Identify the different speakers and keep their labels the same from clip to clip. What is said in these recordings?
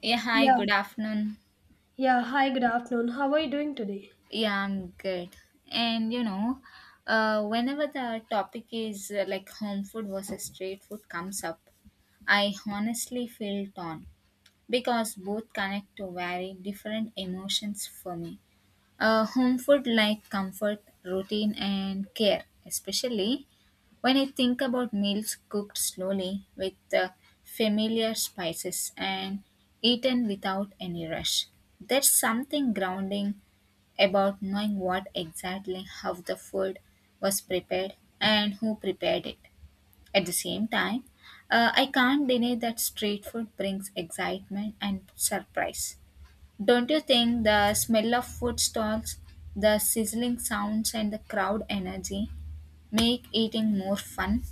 Speaker 1: Yeah, hi,
Speaker 2: Yeah.
Speaker 1: good afternoon.
Speaker 2: Yeah. Hi, good afternoon. How are you doing today?
Speaker 1: Yeah, I'm good. And you know, whenever the topic is like home food versus street food comes up, I honestly feel torn because both connect to very different emotions for me. Home food like comfort, routine, and care, especially when I think about meals cooked slowly with familiar spices and eaten without any rush. There's something grounding about knowing what exactly how the food was prepared and who prepared it. At the same time, I can't deny that street food brings excitement and surprise. Don't you think the smell of food stalls, the sizzling sounds, and the crowd energy make eating more fun?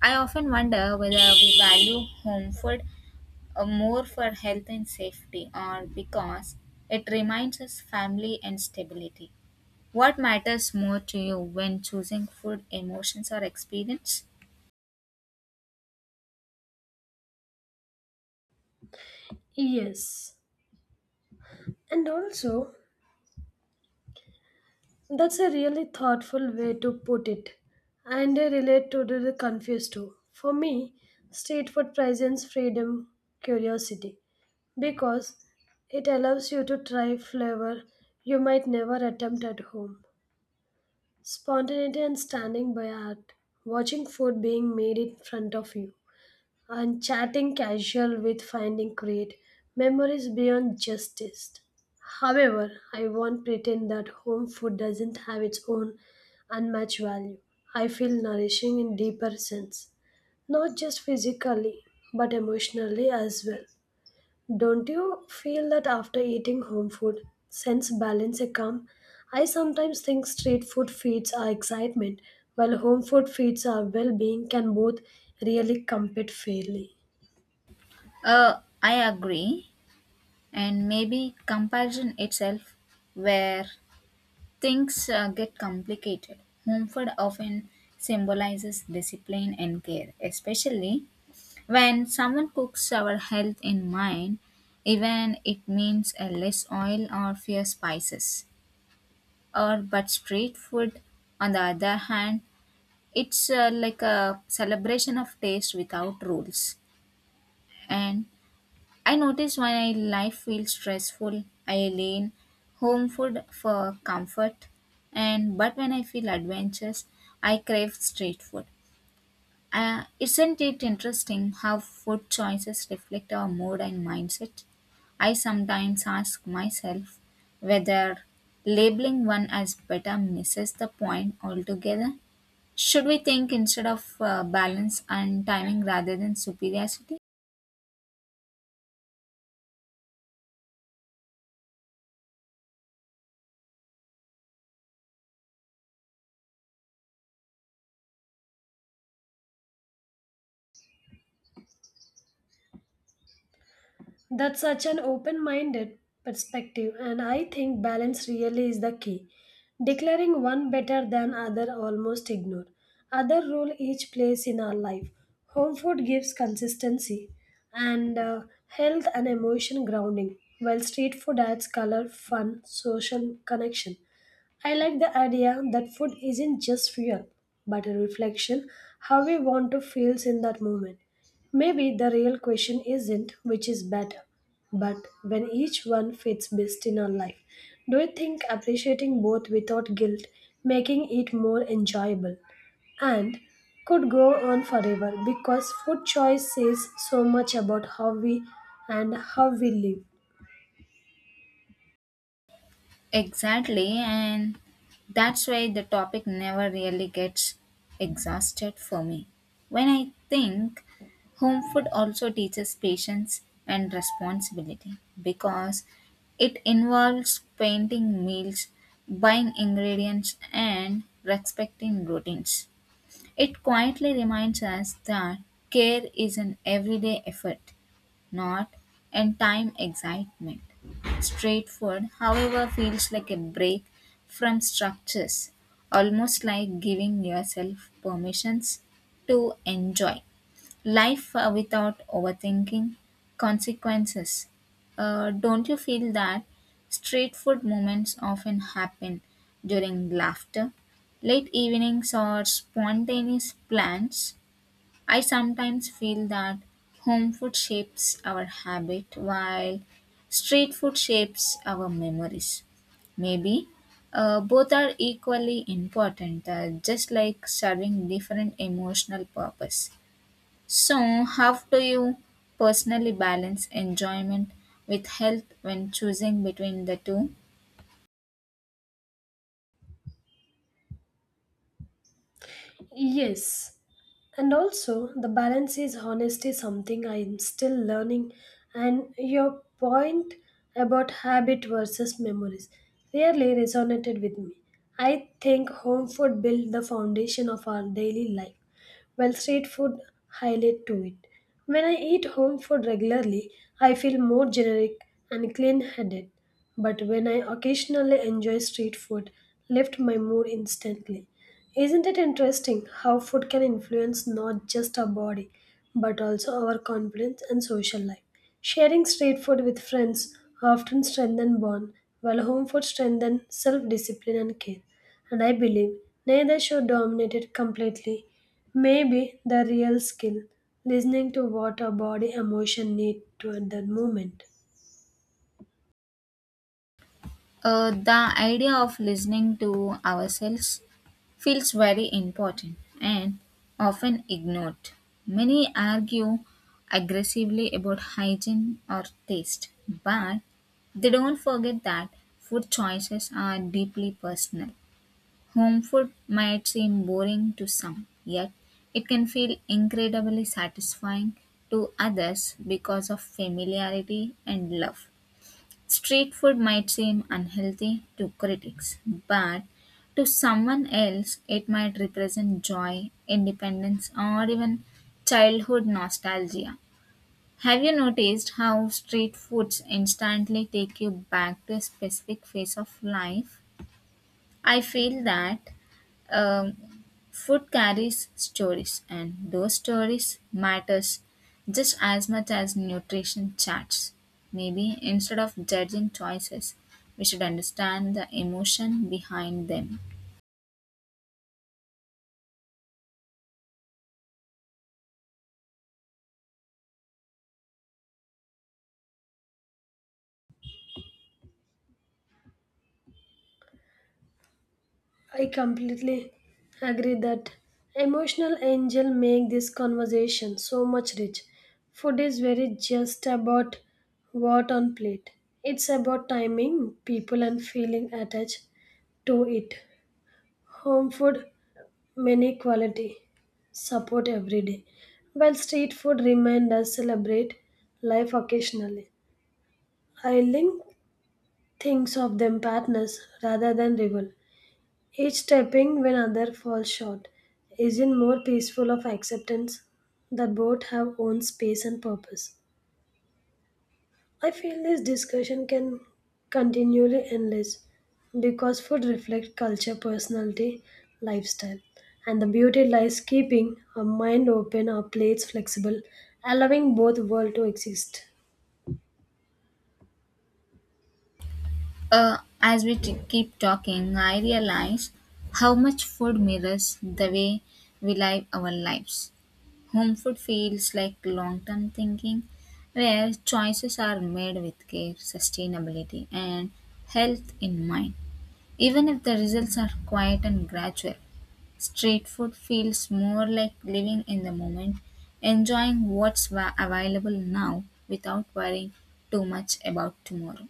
Speaker 1: I often wonder whether we value home food more for health and safety or because it reminds us family and stability. What matters more to you when choosing food, emotions, or experience?
Speaker 2: Yes. And also, that's a really thoughtful way to put it. And I relate to the confused too. For me, street food presents freedom, curiosity, because it allows you to try flavor you might never attempt at home. Spontaneity and standing by art, watching food being made in front of you. And chatting casual with finding create memories beyond just taste. However, I won't pretend that home food doesn't have its own unmatched value. I feel nourishing in deeper sense, not just physically, but emotionally as well. Don't you feel that after eating home food, sense balance a calm? I sometimes think street food feeds our excitement, while home food feeds our well-being can both really compete fairly.
Speaker 1: I agree, and maybe comparison itself, where things get complicated. Mumford often symbolizes discipline and care, especially when someone cooks our health in mind, even it means a less oil or fewer spices. Or but street food, on the other hand, it's like a celebration of taste without rules, and I notice when I life feels stressful, I lean home food for comfort, and but when I feel adventurous, I crave street food. Isn't it interesting how food choices reflect our mood and mindset? I sometimes ask myself whether labeling one as better misses the point altogether. Should we think instead of balance and timing rather than superiority?
Speaker 2: That's such an open minded perspective, and I think balance really is the key. Declaring one better than other almost ignore. Other role each plays in our life. Home food gives consistency and health and emotion grounding, while street food adds color, fun, social connection. I like the idea that food isn't just fuel, but a reflection how we want to feel in that moment. Maybe the real question isn't which is better, but when each one fits best in our life. Do you think appreciating both without guilt making it more enjoyable and could go on forever because food choice says so much about how we and how we live?
Speaker 1: Exactly, and that's why the topic never really gets exhausted for me. When I think home food also teaches patience and responsibility because it involves painting meals, buying ingredients, and respecting routines. It quietly reminds us that care is an everyday effort, not end-time excitement. Street food, however, feels like a break from structures, almost like giving yourself permissions to enjoy life without overthinking consequences. Don't you feel that street food moments often happen during laughter, late evenings, or spontaneous plans? I sometimes feel that home food shapes our habit while street food shapes our memories. Maybe both are equally important, just like serving different emotional purpose. So, how do you personally balance enjoyment with health when choosing between the two?
Speaker 2: Yes. And also, the balance is honesty, something I'm still learning. And your point about habit versus memories really resonated with me. I think home food built the foundation of our daily life, while street food highlight to it. When I eat home food regularly, I feel more generic and clean-headed. But when I occasionally enjoy street food, lift my mood instantly. Isn't it interesting how food can influence not just our body, but also our confidence and social life? Sharing street food with friends often strengthen bond, while home food strengthens self-discipline and care. And I believe neither should dominate it completely. Maybe the real skill, listening to what our body emotion need to at that moment.
Speaker 1: The idea of listening to ourselves feels very important and often ignored. Many argue aggressively about hygiene or taste, but they don't forget that food choices are deeply personal. Home food might seem boring to some, yet it can feel incredibly satisfying to others because of familiarity and love. Street food might seem unhealthy to critics, but to someone else, it might represent joy, independence, or even childhood nostalgia. Have you noticed how street foods instantly take you back to a specific phase of life? I feel that um, food carries stories, and those stories matters just as much as nutrition charts. Maybe instead of judging choices, we should understand the emotion behind them.
Speaker 2: I completely agree that emotional angel make this conversation so much rich. Food is very just about what on plate. It's about timing, people and feeling attached to it. Home food many quality support every day. While street food remind us celebrate life occasionally. I link things of them partners rather than rival. Each stepping when other falls short isn't more peaceful of acceptance that both have own space and purpose. I feel this discussion can continually endless because food reflects culture, personality, lifestyle. And the beauty lies keeping our mind open, our plates flexible, allowing both world to exist.
Speaker 1: As we keep talking, I realize how much food mirrors the way we live our lives. Home food feels like long term thinking, where choices are made with care, sustainability, and health in mind. Even if the results are quiet and gradual, street food feels more like living in the moment, enjoying available now without worrying too much about tomorrow.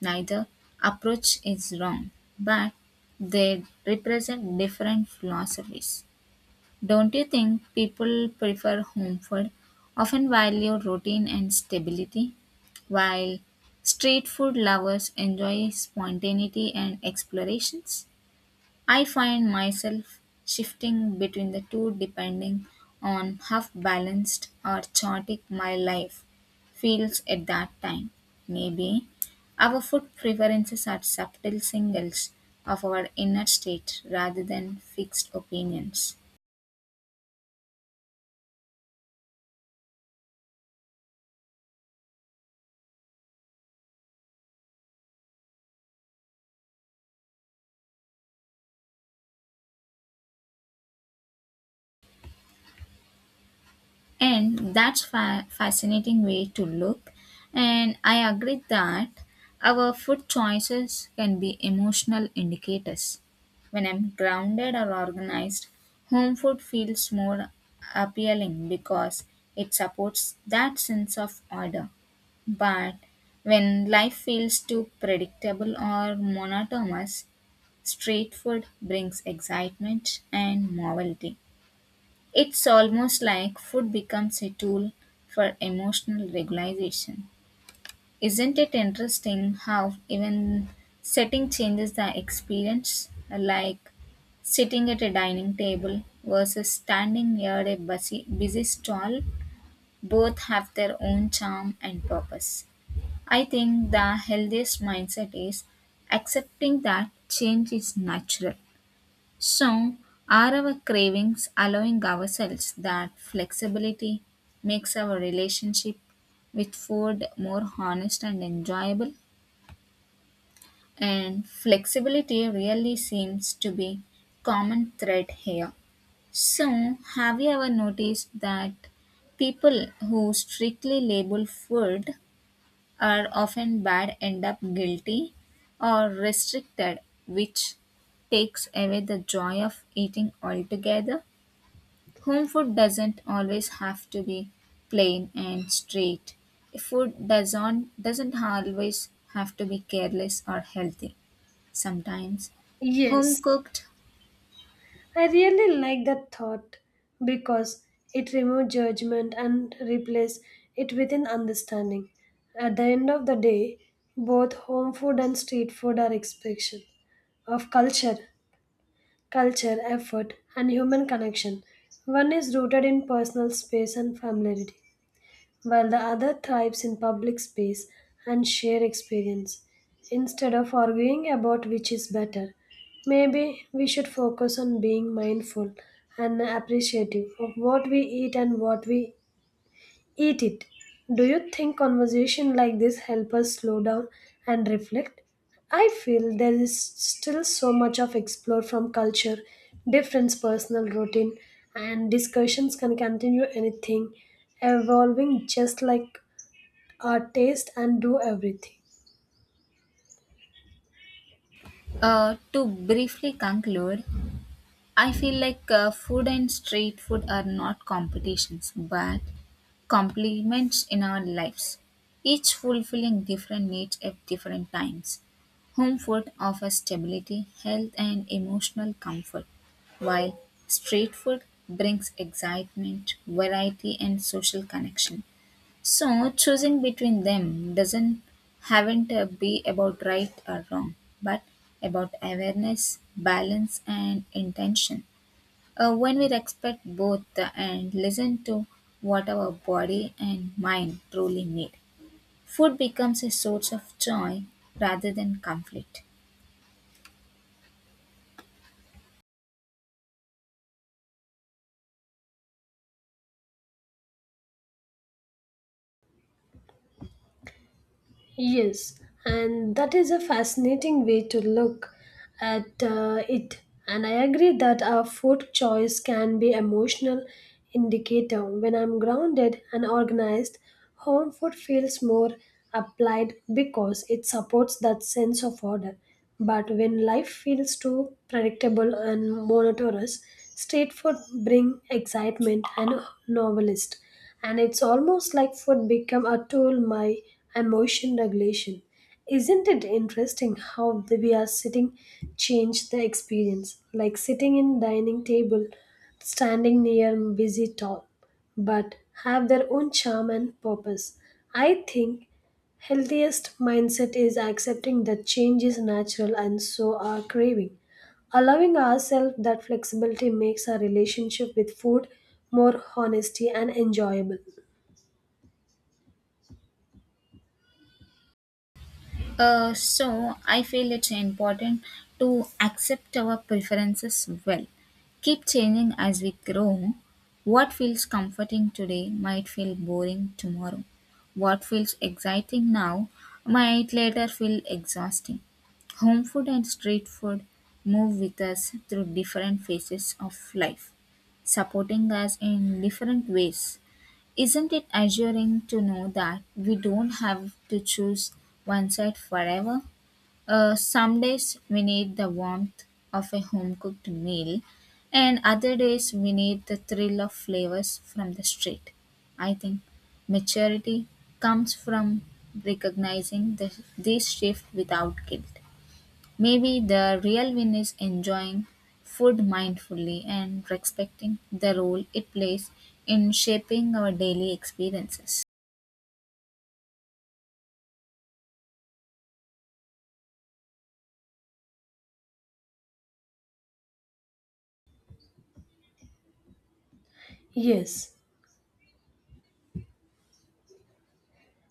Speaker 1: Neither approach is wrong, but they represent different philosophies. Don't you think people prefer home food, often value routine and stability, while street food lovers enjoy spontaneity and explorations? I find myself shifting between the two depending on how balanced or chaotic my life feels at that time. Maybe our food preferences are subtle signals of our inner state rather than fixed opinions. And fascinating way to look. And I agree that our food choices can be emotional indicators. When I'm grounded or organized, home food feels more appealing because it supports that sense of order. But when life feels too predictable or monotonous, street food brings excitement and novelty. It's almost like food becomes a tool for emotional regulation. Isn't it interesting how even setting changes the experience, like sitting at a dining table versus standing near a busy stall? Both have their own charm and purpose. I think the healthiest mindset is accepting that change is natural, so are our cravings allowing ourselves that flexibility makes our relationship with food more honest and enjoyable? And flexibility really seems to be common thread here. So, have you ever noticed that people who strictly label food are often bad end up guilty or restricted, which takes away the joy of eating altogether? Home food doesn't always have to be plain and straight. Food doesn't always have to be careless or healthy. Sometimes home
Speaker 2: Yes.
Speaker 1: cooked.
Speaker 2: I really like that thought because it removes judgment and replaces it with an understanding. At the end of the day, both home food and street food are expression of culture, effort, and human connection. One is rooted in personal space and familiarity, while the other thrives in public space and shared experience. Instead of arguing about which is better, maybe we should focus on being mindful and appreciative of what we eat and what we eat it. Do you think conversation like this help us slow down and reflect? I feel there is still so much of explore from culture, difference, personal routine, and discussions can continue anything, evolving just like taste and do everything.
Speaker 1: To briefly conclude, I feel like food and street food are not competitions but complements in our lives, each fulfilling different needs at different times. Home food offers stability, health, and emotional comfort, while street food brings excitement, variety, and social connection. So choosing between them doesn't haven't be about right or wrong, but about awareness, balance, and intention. When we respect both and listen to what our body and mind truly need, food becomes a source of joy rather than conflict.
Speaker 2: Yes, and that is a fascinating way to look at it. And I agree that our food choice can be emotional indicator. When I'm grounded and organized, home food feels more applied because it supports that sense of order. But when life feels too predictable and monotonous, street food bring excitement and novelist. And it's almost like food become a tool my emotion regulation. Isn't it interesting how the we are sitting change the experience, like sitting in dining table standing near busy top, but have their own charm and purpose. I think healthiest mindset is accepting that change is natural and so are craving. Allowing ourselves that flexibility makes our relationship with food more honest and enjoyable.
Speaker 1: So I feel it's important to accept our preferences well. Keep changing as we grow. What feels comforting today might feel boring tomorrow. What feels exciting now might later feel exhausting. Home food and street food move with us through different phases of life, supporting us in different ways. Isn't it assuring to know that we don't have to choose one side forever? Some days we need the warmth of a home cooked meal, and other days we need the thrill of flavors from the street. I think maturity comes from recognizing this shift without guilt. Maybe the real win is enjoying food mindfully and respecting the role it plays in shaping our daily experiences.
Speaker 2: Yes,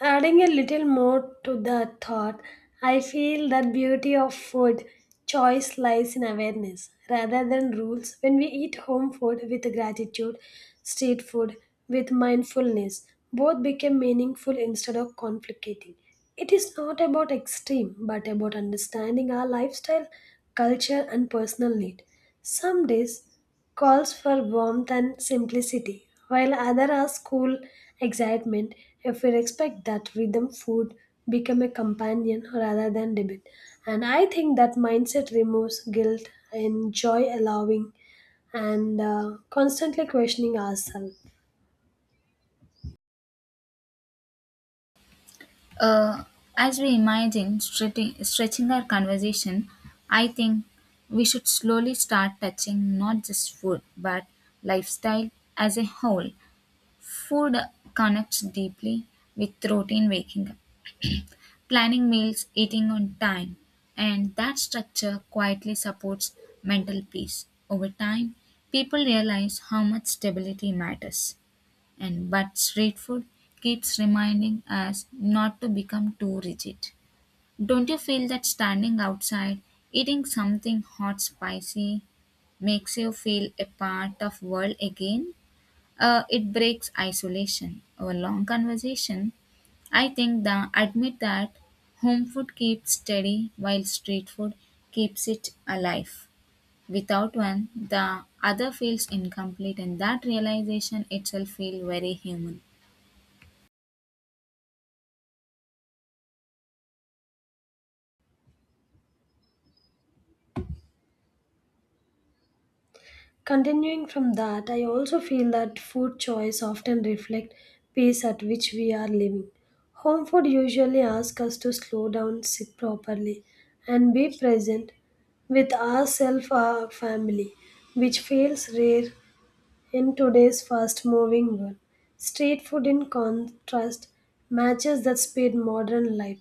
Speaker 2: adding a little more to that thought, I feel that beauty of food choice lies in awareness rather than rules. When we eat home food with gratitude, street food with mindfulness, both become meaningful instead of complicating. It is not about extreme, but about understanding our lifestyle, culture, and personal need. Some days calls for warmth and simplicity, while other ask cool excitement. If we respect that rhythm, food become a companion rather than debate. And I think that mindset removes guilt and joy allowing and constantly questioning ourselves.
Speaker 1: Uh, as we imagine stretching our conversation, I think we should slowly start touching not just food but lifestyle as a whole. Food connects deeply with routine, waking up, planning meals, eating on time, and that structure quietly supports mental peace. Over time, people realize how much stability matters, and but street food keeps reminding us not to become too rigid. Don't you feel that standing outside, eating something hot spicy makes you feel a part of world again? It breaks isolation. Our long conversation I think the admit that home food keeps steady while street food keeps it alive. Without one, the other feels incomplete and that realization itself feels very human.
Speaker 2: Continuing from that, I also feel that food choice often reflect pace at which we are living. Home food usually asks us to slow down, sit properly, and be present with ourselves, our family, which feels rare in today's fast-moving world. Street food, in contrast, matches that speed modern life,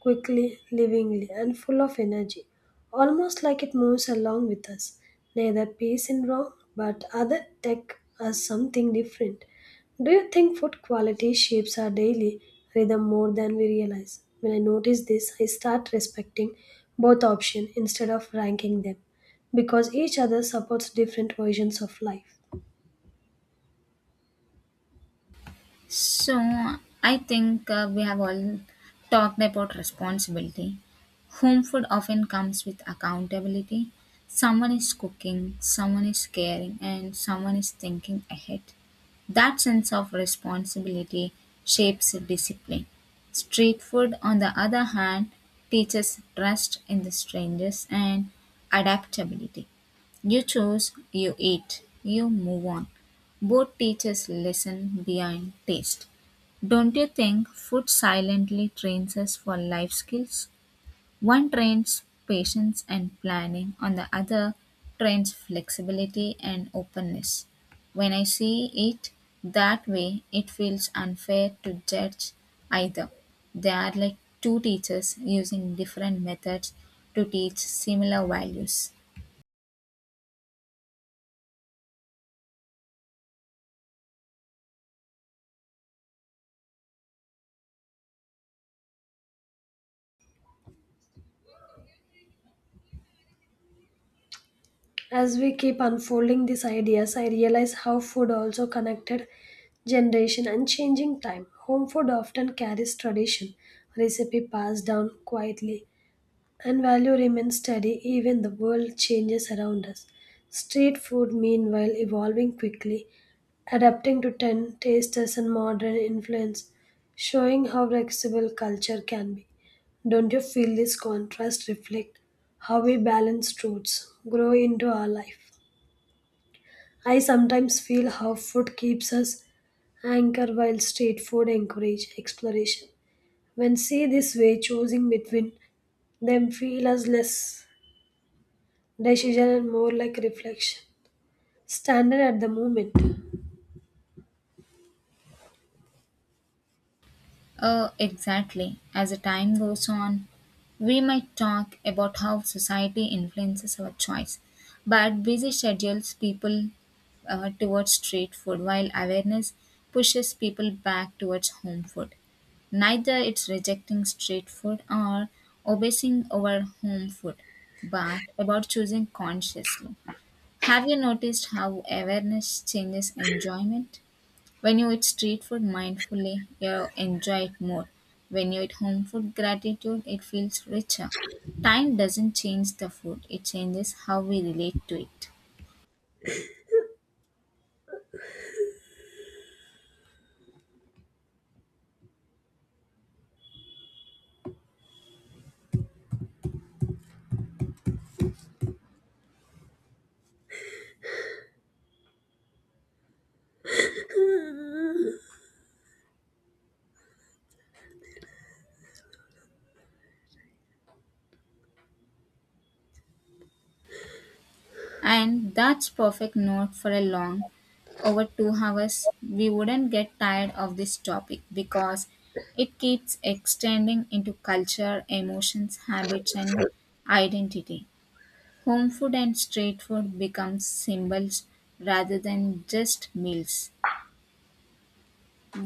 Speaker 2: quickly, livingly, and full of energy, almost like it moves along with us. Neither peace in wrong, but other tech as something different. Do you think food quality shapes our daily rhythm more than we realize? When I notice this, I start respecting both options instead of ranking them because each other supports different versions of life.
Speaker 1: So, I think we have all talked about responsibility. Home food often comes with accountability. Someone is cooking, someone is caring, and someone is thinking ahead. That sense of responsibility shapes discipline. Street food, on the other hand, teaches trust in the strangers and adaptability. You choose, you eat, you move on. Both teach us lesson behind taste. Don't you think food silently trains us for life skills? One trains patience and planning, on the other trains flexibility and openness. When I see it that way, it feels unfair to judge either. They are like two teachers using different methods to teach similar values.
Speaker 2: As we keep unfolding these ideas, I realize how food also connected generation and changing time. Home food often carries tradition, recipe passed down quietly, and value remains steady even the world changes around us. Street food, meanwhile, evolving quickly, adapting to 10 tastes and modern influence, showing how flexible culture can be. Don't you feel this contrast reflect how we balance truths grow into our life? I sometimes feel how food keeps us anchored while street food encourage exploration. When see this way, choosing between them feel as less decision and more like reflection. Standard at the moment.
Speaker 1: Oh, exactly. As the time goes on, we might talk about how society influences our choice, but busy schedules people towards street food, while awareness pushes people back towards home food. Neither it's rejecting street food or obsessing over home food, but about choosing consciously. Have you noticed how awareness changes enjoyment? When you eat street food mindfully, you enjoy it more. When you eat home food gratitude, it feels richer. Time doesn't change the food, it changes how we relate to it. And that's perfect note for a long over 2 hours. We wouldn't get tired of this topic because it keeps extending into culture, emotions, habits and identity. Home food and street food become symbols rather than just meals.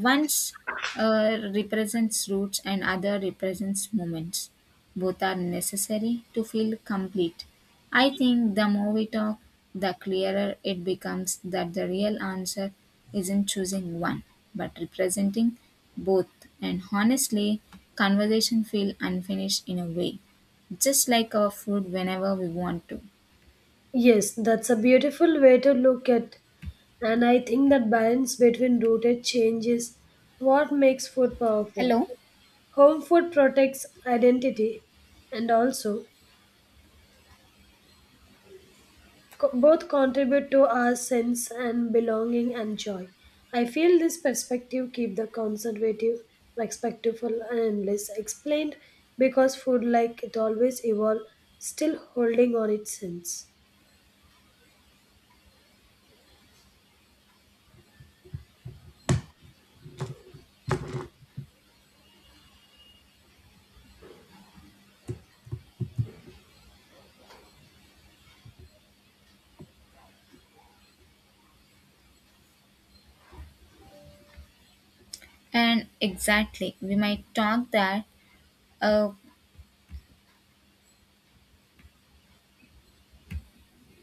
Speaker 1: Once represents roots and other represents moments. Both are necessary to feel complete. I think the more we talk, the clearer it becomes that the real answer isn't choosing one, but representing both. And honestly, conversation feel unfinished in a way, just like our food whenever we want to.
Speaker 2: Yes, that's a beautiful way to look at. And I think that balance between rooted change is what makes food powerful.
Speaker 1: Hello.
Speaker 2: Home food protects identity and also both contribute to our sense and belonging and joy. I feel this perspective keep the conservative, respectful, and less explained because food, like it always evolve, still holding on its sense.
Speaker 1: And exactly, we might talk that. Uh,